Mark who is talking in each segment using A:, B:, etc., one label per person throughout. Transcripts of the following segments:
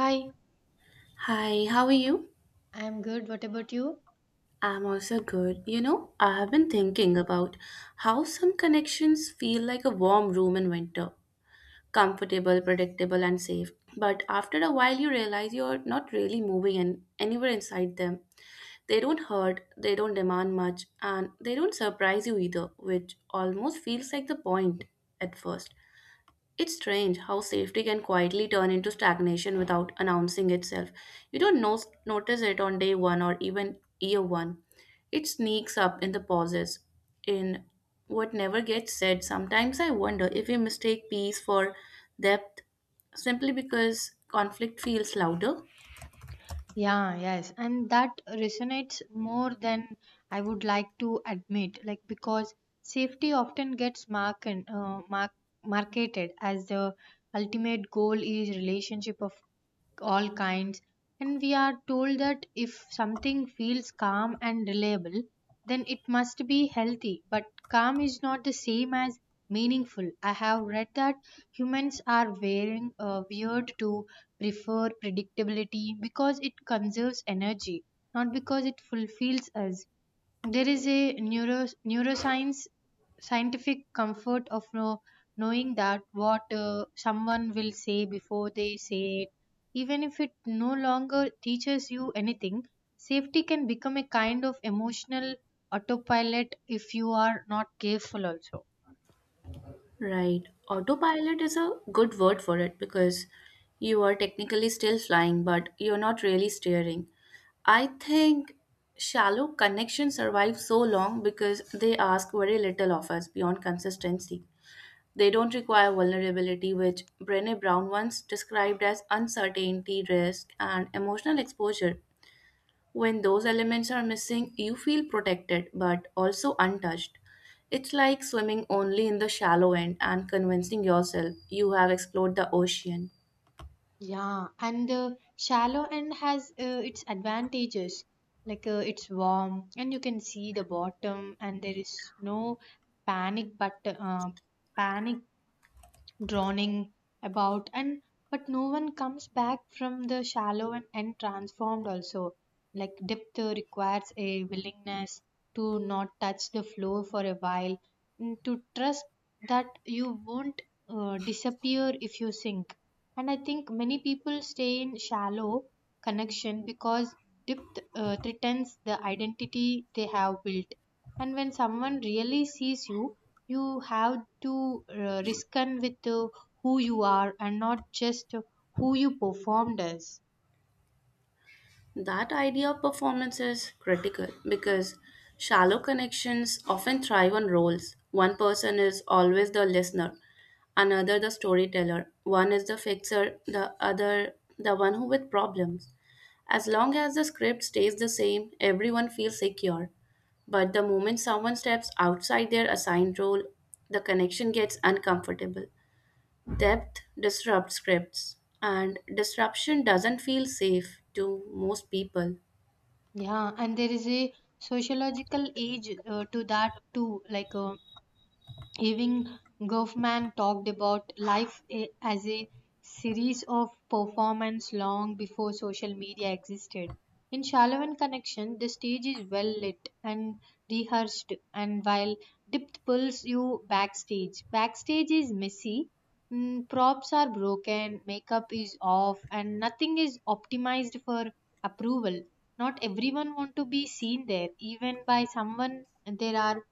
A: Hi,
B: Hi, how are you?
A: I'm good. What about you?
B: I'm also good. You know, I have been
A: Yeah.
B: thinking about how some connections feel like a warm room in winter comfortable, predictable, and safe. But after a while, you realize you're not really moving in, anywhere inside them. They don't hurt, they don't demand much, and they don't surprise you either, which almost feels like the point at first. It's strange how safety can quietly turn into stagnation without announcing itself. You don't notice it on day one or even year one. It sneaks up in the pauses, in what never gets said. Sometimes I wonder if we mistake peace for depth simply because conflict feels louder.
A: Yeah, yes, and that resonates more than I would like to admit, like, because safety often gets marketed as the ultimate goal is relationship of all kinds, and we are told that if something feels calm and reliable, then it must be healthy. But calm is not the same as meaningful. I have read that humans are wearing weird to prefer predictability because it conserves energy, not because it fulfills us. There is a neuroscience scientific comfort of knowing that what someone will say before they say it. Even if it no longer teaches you anything, safety can become a kind of emotional autopilot if you are not careful, also.
B: Right. Autopilot is a good word for it because you are technically still flying, but you're not really steering. I think shallow connections survive so long because they ask very little of us beyond consistency. They don't require vulnerability, which Brené Brown once described as uncertainty, risk, and emotional exposure. When those elements are missing, you feel protected but also untouched. It's like swimming only in the shallow end and convincing yourself you have explored the ocean.
A: Yeah, and the shallow end has its advantages. Like it's warm and you can see the bottom, and there is no panic, but panic, drowning about, and but no one comes back from the shallow and transformed also, like depth requires a willingness to not touch the floor for a while and to trust that you won't disappear if you sink. And I think many people stay in shallow connection because depth threatens the identity they have built. And when someone really sees you have to risk in with who you are, and not just who you performed as.
B: That idea of performance is critical because shallow connections often thrive on roles. One person is always the listener, another the storyteller, one is the fixer, the other the one who with problems. As long as the script stays the same, everyone feels secure. But the moment someone steps outside their assigned role, the connection gets uncomfortable. Depth disrupts scripts, and disruption doesn't feel safe to most people.
A: Yeah, and there is a sociological age to that too, like, even Goffman talked about life as a series of performances long before social media existed. In Shalavan Connection, the stage is well lit and rehearsed, and while depth pulls you backstage, backstage is messy. Props are broken, makeup is off, and nothing is optimized for approval. Not everyone want to be seen there, even by someone. There are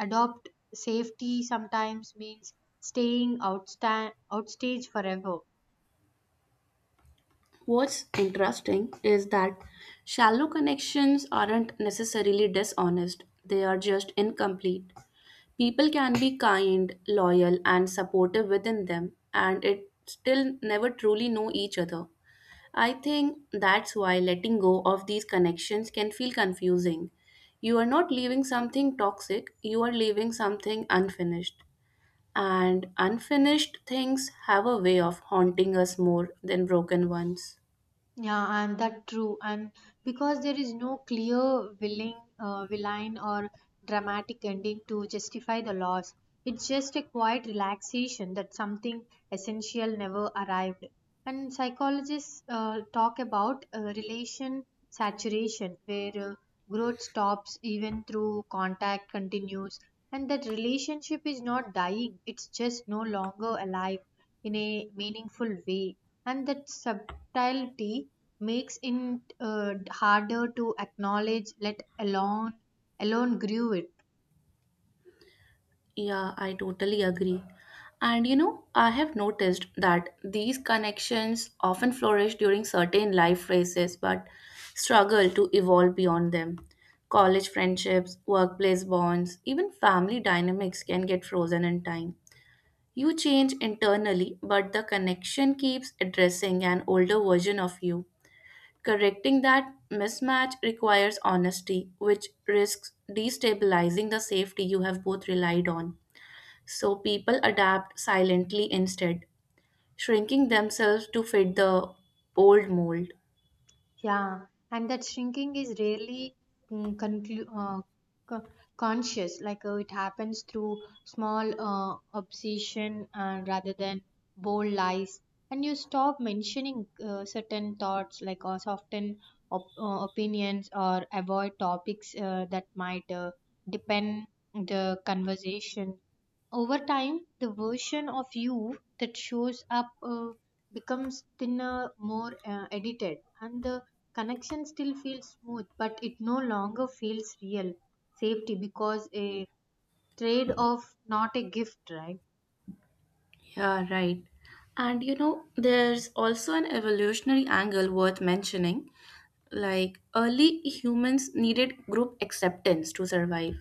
A: adopt safety sometimes means staying outstage forever.
B: What's interesting is that shallow connections aren't necessarily dishonest, they are just incomplete. People can be kind, loyal, and supportive within them, and it still never truly know each other. I think that's why letting go of these connections can feel confusing. You are not leaving something toxic, you are leaving something unfinished. And unfinished things have a way of haunting us more than broken ones.
A: Yeah, and that true. And because there is no clear willing villain or dramatic ending to justify the loss, it's just a quiet relaxation that something essential never arrived. And psychologists talk about relation saturation, where growth stops even through contact continues, and that relationship is not dying; it's just no longer alive in a meaningful way. And that subtlety makes it harder to acknowledge, let alone grew it.
B: Yeah, I totally agree. And you know, I have noticed that these connections often flourish during certain life phases but struggle to evolve beyond them. College friendships, workplace bonds, even family dynamics can get frozen in time. You change internally, but the connection keeps addressing an older version of you. Correcting that mismatch requires honesty, which risks destabilizing the safety you have both relied on. So people adapt silently instead, shrinking themselves to fit the old mold.
A: Yeah, and that shrinking is rarely mm, conclu- uh, co- conscious, like, it happens through small obsession rather than bold lies. And you stop mentioning certain thoughts, like, or soften opinions, or avoid topics that might depend the conversation. Over time, the version of you that shows up becomes thinner, more edited, and the connection still feels smooth, but it no longer feels real. Safety because a trade off, not a gift, right?
B: Yeah, right. And you know, there's also an evolutionary angle worth mentioning. Like, early humans needed group acceptance to survive.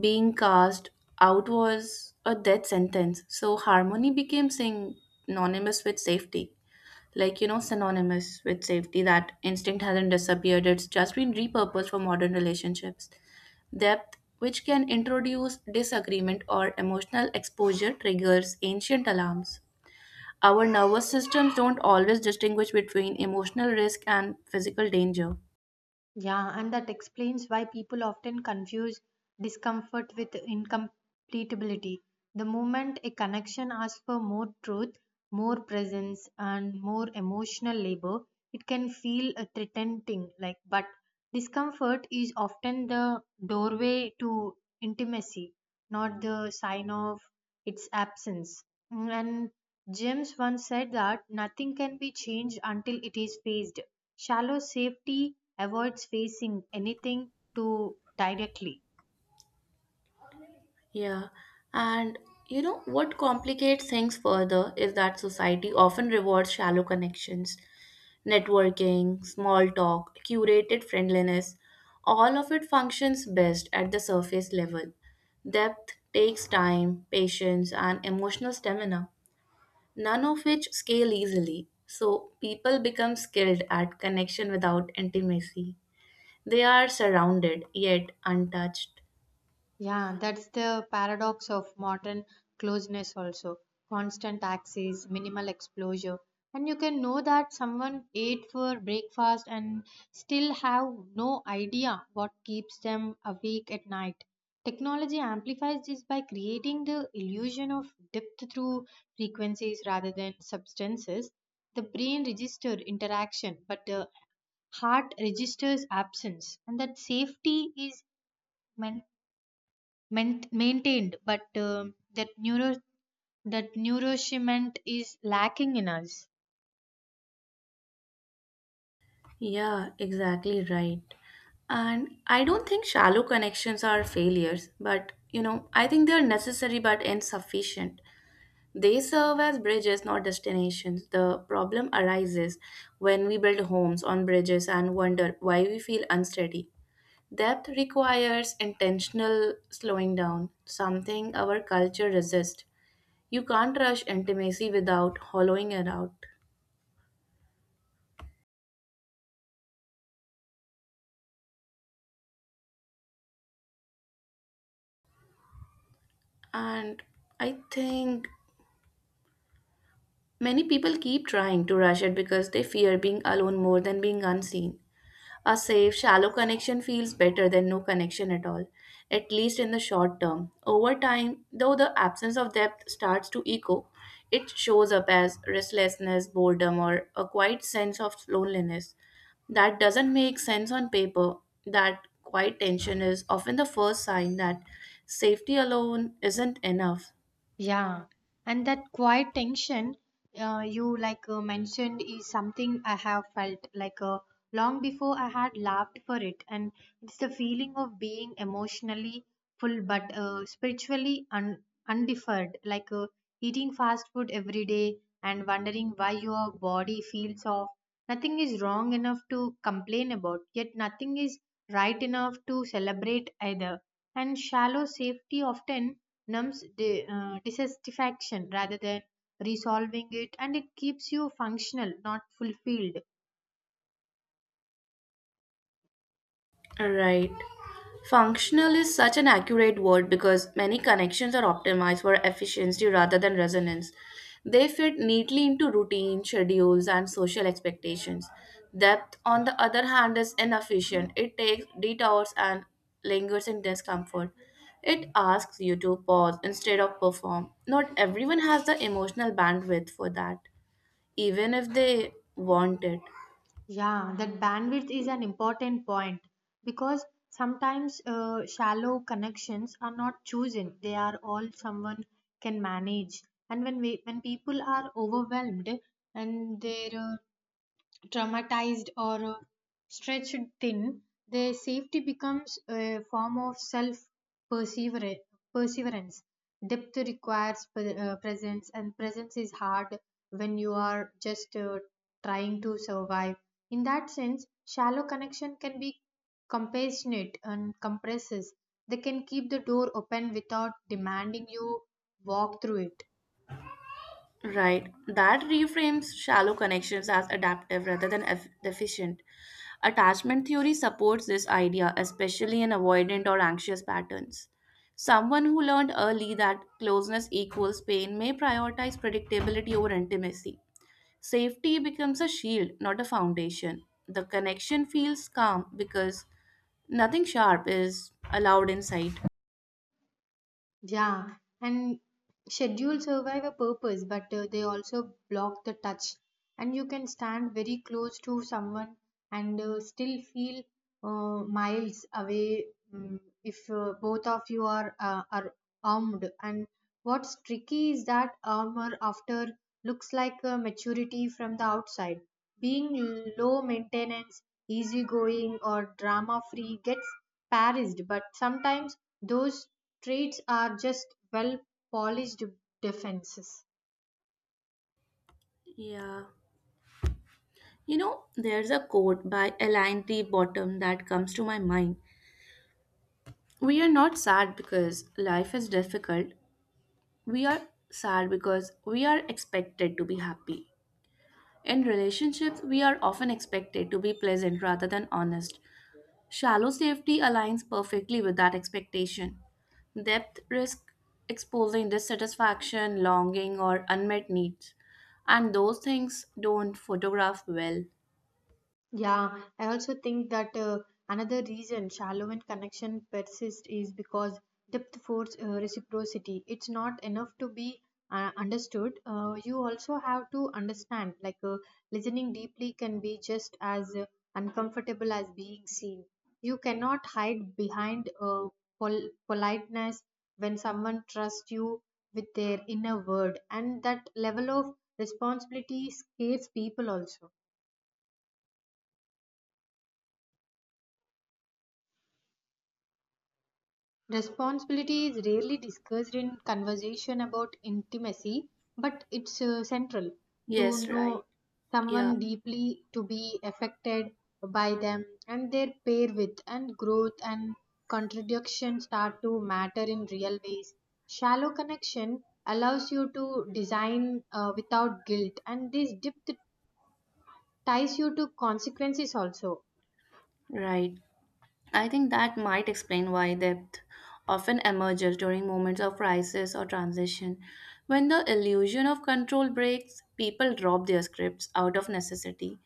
B: Being cast out was a death sentence, so harmony became synonymous with safety. Like, you know, synonymous with safety. That instinct hasn't disappeared, it's just been repurposed for modern relationships. Depth, which can introduce disagreement or emotional exposure, triggers ancient alarms. Our nervous systems don't always distinguish between emotional risk and physical danger.
A: Yeah, and that explains why people often confuse discomfort with incompletability. The moment a connection asks for more truth, more presence, and more emotional labor, it can feel a threatening. Like, but discomfort is often the doorway to intimacy, not the sign of its absence. And James once said that nothing can be changed until it is faced. Shallow safety avoids facing anything too directly.
B: Yeah, and you know what complicates things further is that society often rewards shallow connections, networking, small talk, curated friendliness. All of it functions best at the surface level. Depth takes time, patience, and emotional stamina, none of which scale easily. So people become skilled at connection without intimacy. They are surrounded yet untouched.
A: Yeah, that's the paradox of modern closeness also. Constant access, minimal exposure. And you can know that someone ate for breakfast and still have no idea what keeps them awake at night. Technology amplifies this by creating the illusion of depth through frequencies rather than substances. The brain registers interaction, but the heart registers absence, and that safety is man- maintained, but that nourishment is lacking in us.
B: Yeah, exactly right. And I don't think shallow connections are failures, but you know, I think they are necessary but insufficient. They serve as bridges, not destinations. The problem arises when we build homes on bridges and wonder why we feel unsteady. Depth requires intentional slowing down, something our culture resists. You can't rush intimacy without hollowing it out. And I think many people keep trying to rush it because they fear being alone more than being unseen. A safe, shallow connection feels better than no connection at all, at least in the short term. Over time, though, the absence of depth starts to echo, it shows up as restlessness, boredom, or a quiet sense of loneliness. That doesn't make sense on paper. That quiet tension is often the first sign that safety alone isn't enough.
A: Yeah, and that quiet tension you like mentioned is something I have felt like, long before I had laughed for it, and it's the feeling of being emotionally full but spiritually undeferred, like, eating fast food every day and wondering why your body feels off. Nothing is wrong enough to complain about, yet nothing is right enough to celebrate either. And shallow safety often numbs dissatisfaction rather than resolving it, and it keeps you functional, not fulfilled.
B: Right. Functional is such an accurate word because many connections are optimized for efficiency rather than resonance. They fit neatly into routine, schedules, and social expectations. Depth, on the other hand, is inefficient. It takes detours and lingers in discomfort. It asks you to pause instead of perform. Not everyone has the emotional bandwidth for that, even if they want it.
A: Yeah, that bandwidth is an important point because sometimes shallow connections are not chosen, they are all someone can manage. And when people are overwhelmed and their traumatized or stretched thin, their safety becomes a form of self perseverance. Depth requires presence, and presence is hard when you are just trying to survive. In that sense, shallow connection can be compassionate and compresses. They can keep the door open without demanding you walk through it.
B: Right. That reframes shallow connections as adaptive rather than deficient. Attachment theory supports this idea, especially in avoidant or anxious patterns. Someone who learned early that closeness equals pain may prioritize predictability over intimacy. Safety becomes a shield, not a foundation. The connection feels calm because nothing sharp is allowed inside.
A: Yeah, and schedules survive a purpose, but they also block the touch. And you can stand very close to someone and still feel miles away, if both of you are armed. And what's tricky is that armor after looks like maturity from the outside. Being low maintenance, easygoing, or drama free gets parished, but sometimes those traits are just well-polished defenses.
B: Yeah. You know, there's a quote by Elaine T. Bottom that comes to my mind. We are not sad because life is difficult. We are sad because we are expected to be happy. In relationships, we are often expected to be pleasant rather than honest. Shallow safety aligns perfectly with that expectation. Depth risk exposing dissatisfaction, longing, or unmet needs. And those things don't photograph well.
A: Yeah, I also think that another reason shallow and connection persist is because depth force reciprocity. It's not enough to be understood. You also have to understand. Like, listening deeply can be just as uncomfortable as being seen. You cannot hide behind politeness when someone trusts you with their inner word, and that level of responsibility scares people also. Responsibility is rarely discussed in conversation about intimacy, but it's central to
B: Yes,
A: know
B: right. Yeah,
A: someone deeply, to be affected by them and their pair with, and growth and contradiction start to matter in real ways. Shallow connection allows you to design without guilt, and this depth ties you to consequences also.
B: right. I think that might explain why depth often emerges during moments of crisis or transition. When the illusion of control breaks, people drop their scripts out of necessity.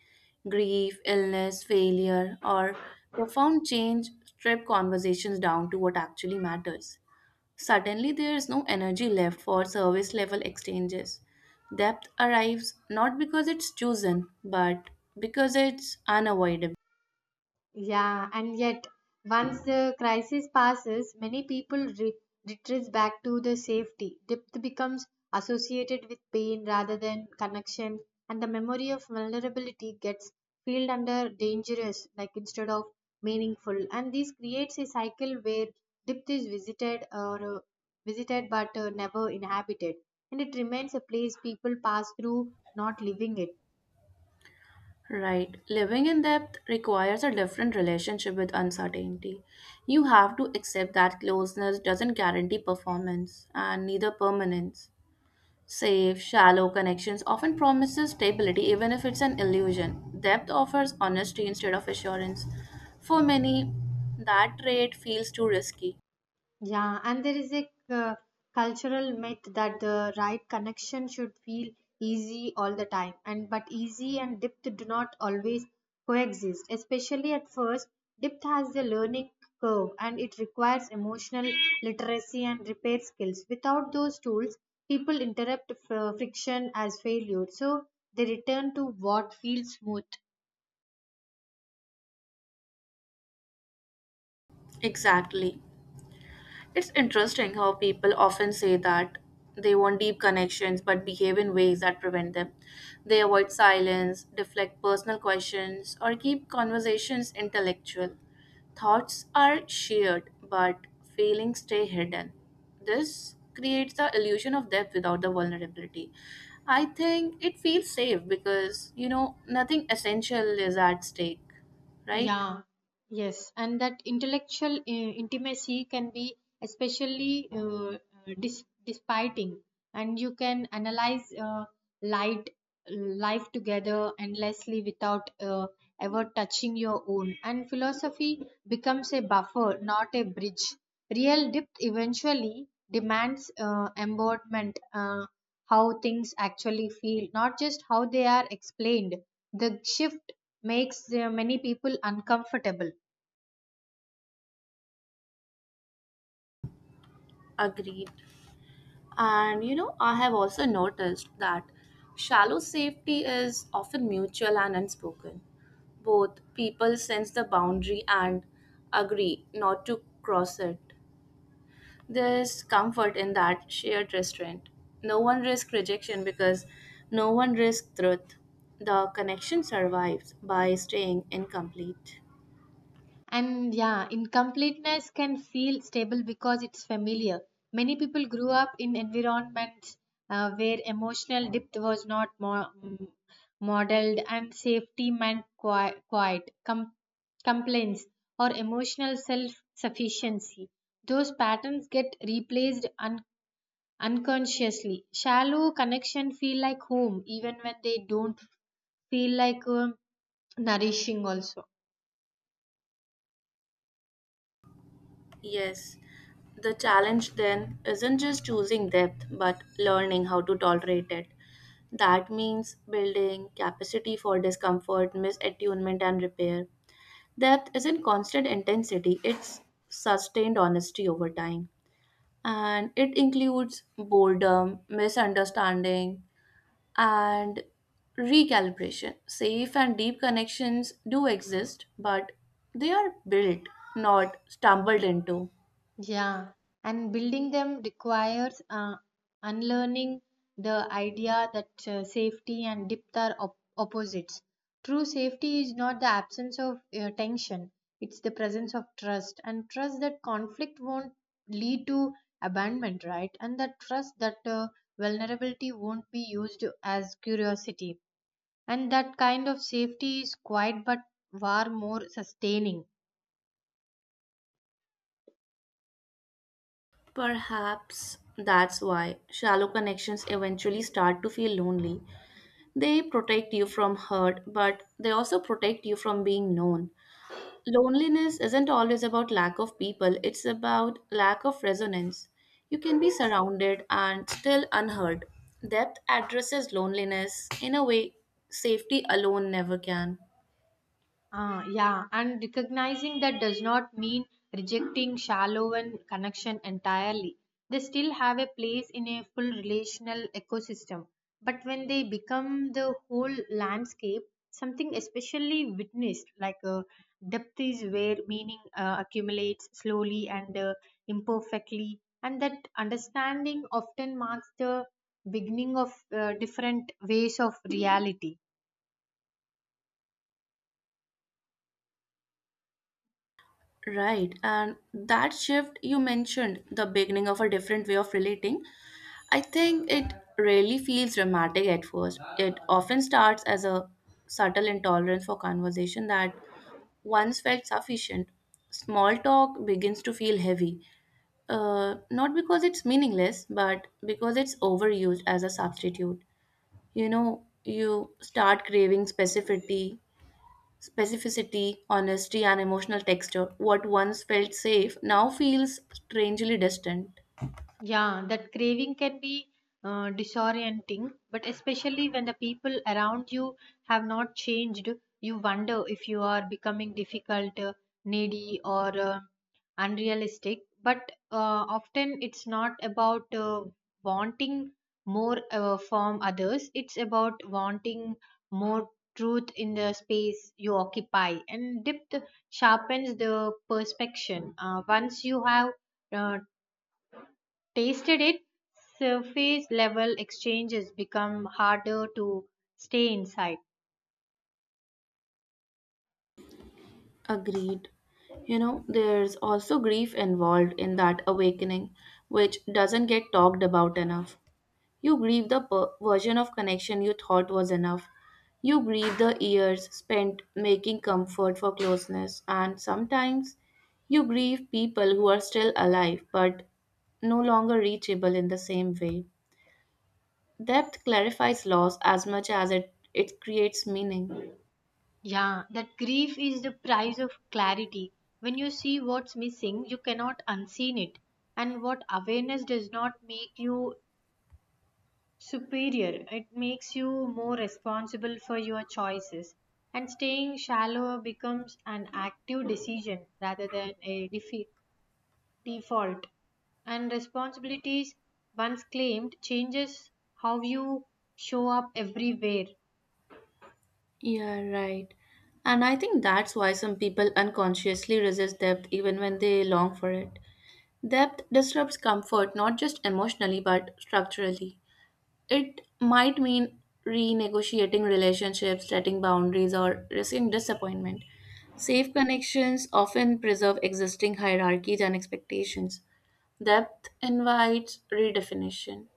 B: Grief, illness, failure, or profound change strip conversations down to what actually matters. Suddenly, there is no energy left for service level exchanges. Depth arrives not because it's chosen, but because it's unavoidable.
A: Yeah, and yet, once the crisis passes, many people retreats back to the safety. Depth becomes associated with pain rather than connection, and the memory of vulnerability gets filled under dangerous, like, instead of meaningful. And this creates a cycle where depth is visited but never inhabited, and it remains a place people pass through, not living it.
B: Right. Living in depth requires a different relationship with uncertainty. You have to accept that closeness doesn't guarantee performance and neither permanence. Safe, shallow connections often promises stability even if it's an illusion. Depth offers honesty instead of assurance. For many, that trade feels too risky.
A: Yeah, and there is a cultural myth that the right connection should feel easy all the time, and but easy and depth do not always coexist. Especially at first, depth has a learning curve, and it requires emotional literacy and repair skills. Without those tools, people interrupt friction as failure, so they return to what feels smooth.
B: Exactly. It's interesting how people often say that they want deep connections but behave in ways that prevent them. They avoid silence, deflect personal questions, or keep conversations intellectual. Thoughts are shared, but feelings stay hidden. This creates the illusion of depth without the vulnerability. I think it feels safe because, you know, nothing essential is at stake, right?
A: Yeah, yes, and that intellectual intimacy can be especially disparting, and you can analyze light life together endlessly without ever touching your own. And philosophy becomes a buffer, not a bridge. Real depth eventually demands embodiment, how things actually feel, not just how they are explained. The shift makes many people uncomfortable.
B: Agreed. And you know, I have also noticed that shallow safety is often mutual and unspoken. Both people sense the boundary and agree not to cross it. There's comfort in that shared restraint. No one risks rejection because no one risks truth. The connection survives by staying incomplete.
A: And yeah, incompleteness can feel stable because it's familiar. Many people grew up in environments where emotional depth was not modeled, and safety meant quiet, complaints, or emotional self sufficiency. Those patterns get replaced unconsciously. Shallow connection feel like home even when they don't feel like nourishing also.
B: Yes, the challenge then isn't just choosing depth, but learning how to tolerate it. That means building capacity for discomfort, misattunement, and repair. Depth isn't constant intensity, it's sustained honesty over time. And it includes boredom, misunderstanding, and recalibration. Safe and deep connections do exist, but they are built, not stumbled into.
A: Yeah, and building them requires unlearning the idea that safety and depth are opposites. True safety is not the absence of tension, it's the presence of trust, and trust that conflict won't lead to abandonment, right? And that trust that vulnerability won't be used as curiosity. And that kind of safety is quiet but far more sustaining.
B: Perhaps that's why shallow connections eventually start to feel lonely. They protect you from hurt, but they also protect you from being known. Loneliness isn't always about lack of people, it's about lack of resonance. You can be surrounded and still unheard. Depth addresses loneliness in a way safety alone never can.
A: Yeah, and recognizing that does not mean rejecting shallow and connection entirely. They still have a place in a full relational ecosystem. But when they become the whole landscape, something especially witnessed, like, depth is where meaning accumulates slowly and imperfectly, and that understanding often marks the beginning of different ways of reality.
B: Right, and that shift you mentioned, the beginning of a different way of relating, I think it rarely feels dramatic at first. It often starts as a subtle intolerance for conversation that once felt sufficient. Small talk begins to feel heavy, not because it's meaningless, but because it's overused as a substitute. You know, you start craving specificity, honesty, and emotional texture. What once felt safe now feels strangely distant.
A: Yeah, that craving can be disorienting, but especially when the people around you have not changed, you wonder if you are becoming difficult, needy, or unrealistic. But often it's not about wanting more from others, it's about wanting more truth in the space you occupy. And depth sharpens the perception. Once you have uh, tasted it, surface level exchanges become harder to stay inside.
B: Agreed. You know, there's also grief involved in that awakening, which doesn't get talked about enough. You grieve the version of connection you thought was enough. You grieve the years spent making comfort for closeness, and sometimes you grieve people who are still alive but no longer reachable in the same way. Depth clarifies loss as much as it creates meaning.
A: Yeah, that grief is the price of clarity. When you see what's missing, you cannot unseen it. And what awareness does not make you superior, it makes you more responsible for your choices. And staying shallow becomes an active decision rather than a defeat. Default and responsibilities once claimed changes how you show up everywhere.
B: Yeah, right. And I think that's why some people unconsciously resist depth even when they long for it. Depth disrupts comfort not just emotionally but structurally. It might mean renegotiating relationships, setting boundaries, or risking disappointment. Safe connections often preserve existing hierarchies and expectations. Depth invites redefinition.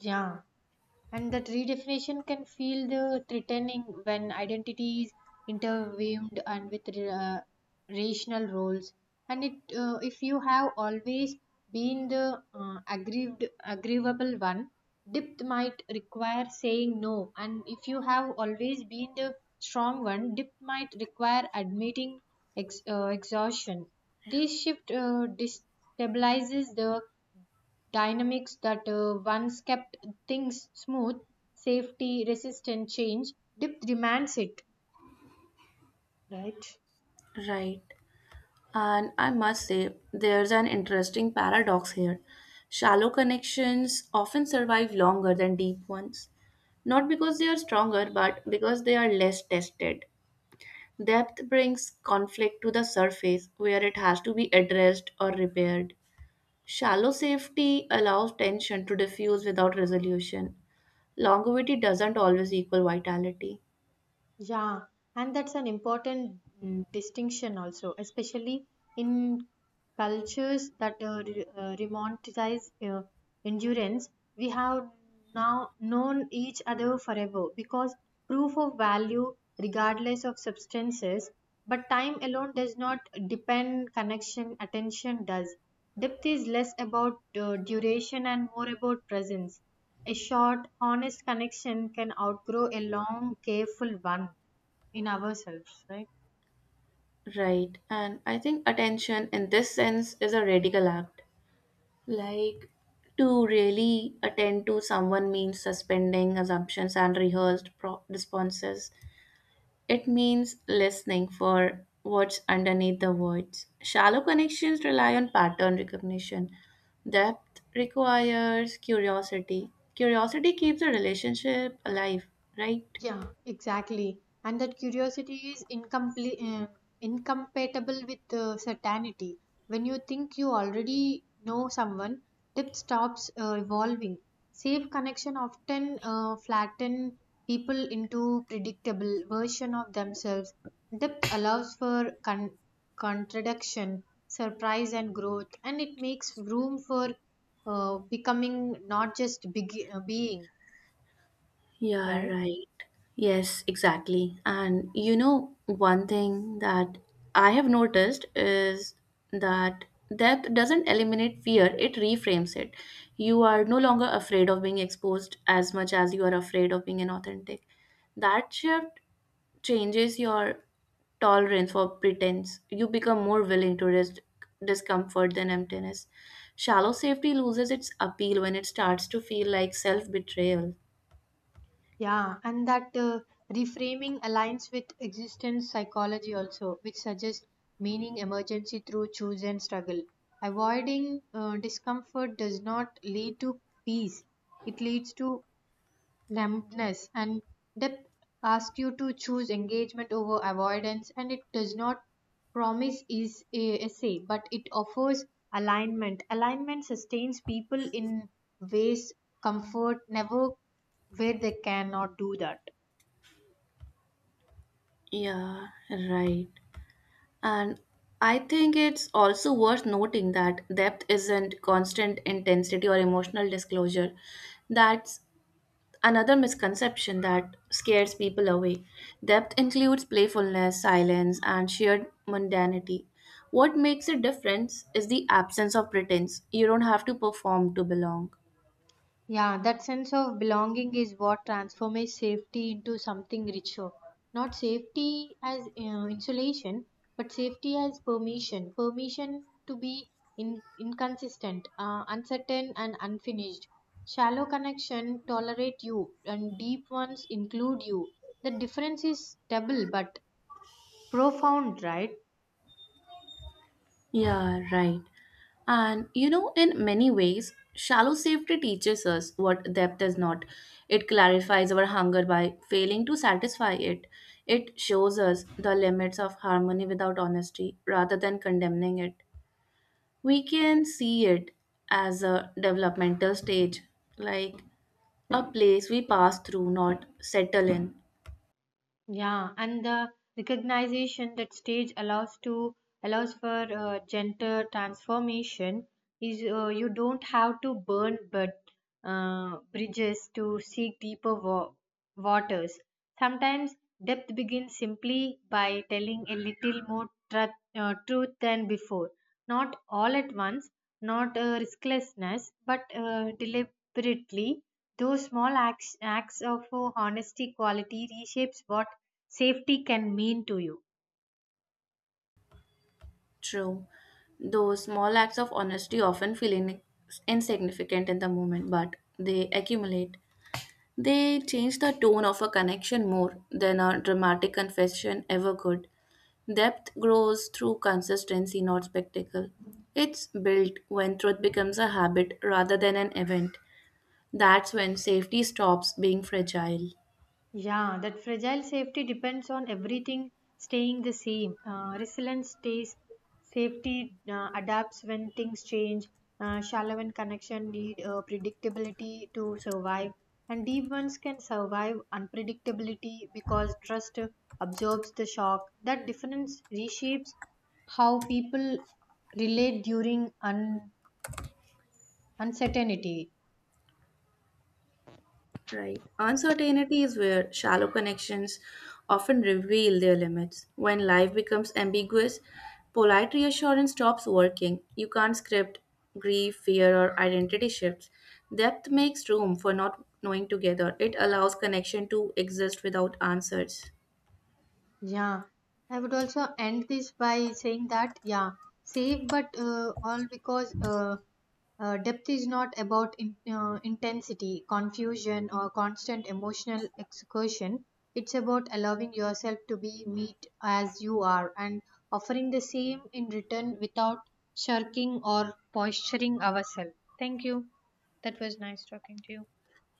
A: Yeah. And that redefinition can feel the threatening when identity is interwoven and with rational roles. If you have always been the agreeable one, depth might require saying no. And if you have always been the strong one, depth might require admitting exhaustion. This shift destabilizes the dynamics that once kept things smooth. Safety resistant change, depth demands it, right?
B: Right. And I must say, there's an interesting paradox here. Shallow connections often survive longer than deep ones, not because they are stronger, but because they are less tested. Depth brings conflict to the surface where it has to be addressed or repaired. Shallow safety allows tension to diffuse without resolution. Longevity doesn't always equal vitality.
A: Yeah, and that's an important distinction also, especially in cultures that romanticize endurance. We have now known each other forever because proof of value, regardless of substances, but time alone does not depend connection, attention does. Depth is less about duration and more about presence. A short, honest connection can outgrow a long, careful one in ourselves, right?
B: Right, and I think attention in this sense is a radical act. Like, to really attend to someone means suspending assumptions and rehearsed responses. It means listening for what's underneath the words. Shallow connections rely on pattern recognition. Depth requires curiosity. Curiosity keeps a relationship alive, right?
A: Yeah, exactly. And that curiosity is incompatible with certainty. When you think you already know someone, depth stops evolving. Safe connection often flatten people into predictable version of themselves. Depth allows for contradiction, surprise, and growth, and it makes room for becoming, not just being,
B: Yeah,
A: right?
B: right. Yes, exactly. And you know, one thing that I have noticed is that depth doesn't eliminate fear, it reframes it. You are no longer afraid of being exposed as much as you are afraid of being inauthentic. That shift changes your tolerance for pretense. You become more willing to risk discomfort than emptiness. Shallow safety loses its appeal when it starts to feel like self betrayal.
A: Yeah, and that reframing aligns with existence psychology also, which suggests meaning emergency through choose and struggle. Avoiding discomfort does not lead to peace, it leads to numbness, and depth asks you to choose engagement over avoidance, and it does not promise is a essay, but it offers alignment. Alignment sustains people in ways comfort never, where they cannot do that.
B: Yeah, right. And I think it's also worth noting that depth isn't constant intensity or emotional disclosure. That's another misconception that scares people away. Depth includes playfulness, silence, and shared mundanity. What makes a difference is the absence of pretense. You don't have to perform to belong.
A: Yeah, that sense of belonging is what transforms safety into something richer. Not safety as insulation, but safety as permission. Permission to be inconsistent, uncertain, and unfinished. Shallow connection tolerate you, and deep ones include you. The difference is double but profound, right?
B: Yeah, right. And you know, in many ways, shallow safety teaches us what depth is not. It clarifies our hunger by failing to satisfy it. It shows us the limits of harmony without honesty rather than condemning it. We can see it as a developmental stage, like a place we pass through, not settle in.
A: Yeah, and the recognition that stage allows for gender transformation is you don't have to burn but bridges to seek deeper waters. Sometimes depth begins simply by telling a little more truth than before. Not all at once, not risklessness, but deliberately. Those small acts of honesty quality reshapes what safety can mean to you.
B: True. Those small acts of honesty often feel insignificant in the moment, but they accumulate. They change the tone of a connection more than a dramatic confession ever could. Depth grows through consistency, not spectacle. It's built when truth becomes a habit rather than an event. That's when safety stops being fragile.
A: Yeah, that fragile safety depends on everything staying the same. Resilience stays, safety adapts when things change, shallow and connection need predictability to survive, and deep ones can survive unpredictability because trust absorbs the shock. That difference reshapes how people relate during uncertainty.
B: Right. Uncertainty is where shallow connections often reveal their limits. When life becomes ambiguous, polite reassurance stops working. You can't script grief, fear, or identity shifts. Depth makes room for not knowing together. It allows connection to exist without answers.
A: Yeah, I would also end this by saying that, yeah, safe, but all because depth is not about intensity, confusion, or constant emotional excursion. It's about allowing yourself to be meet as you are and offering the same in return without shirking or posturing ourselves. Thank you. That was nice talking to you.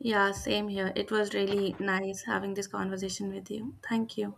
B: Yeah, same here. It was really nice having this conversation with you. Thank you.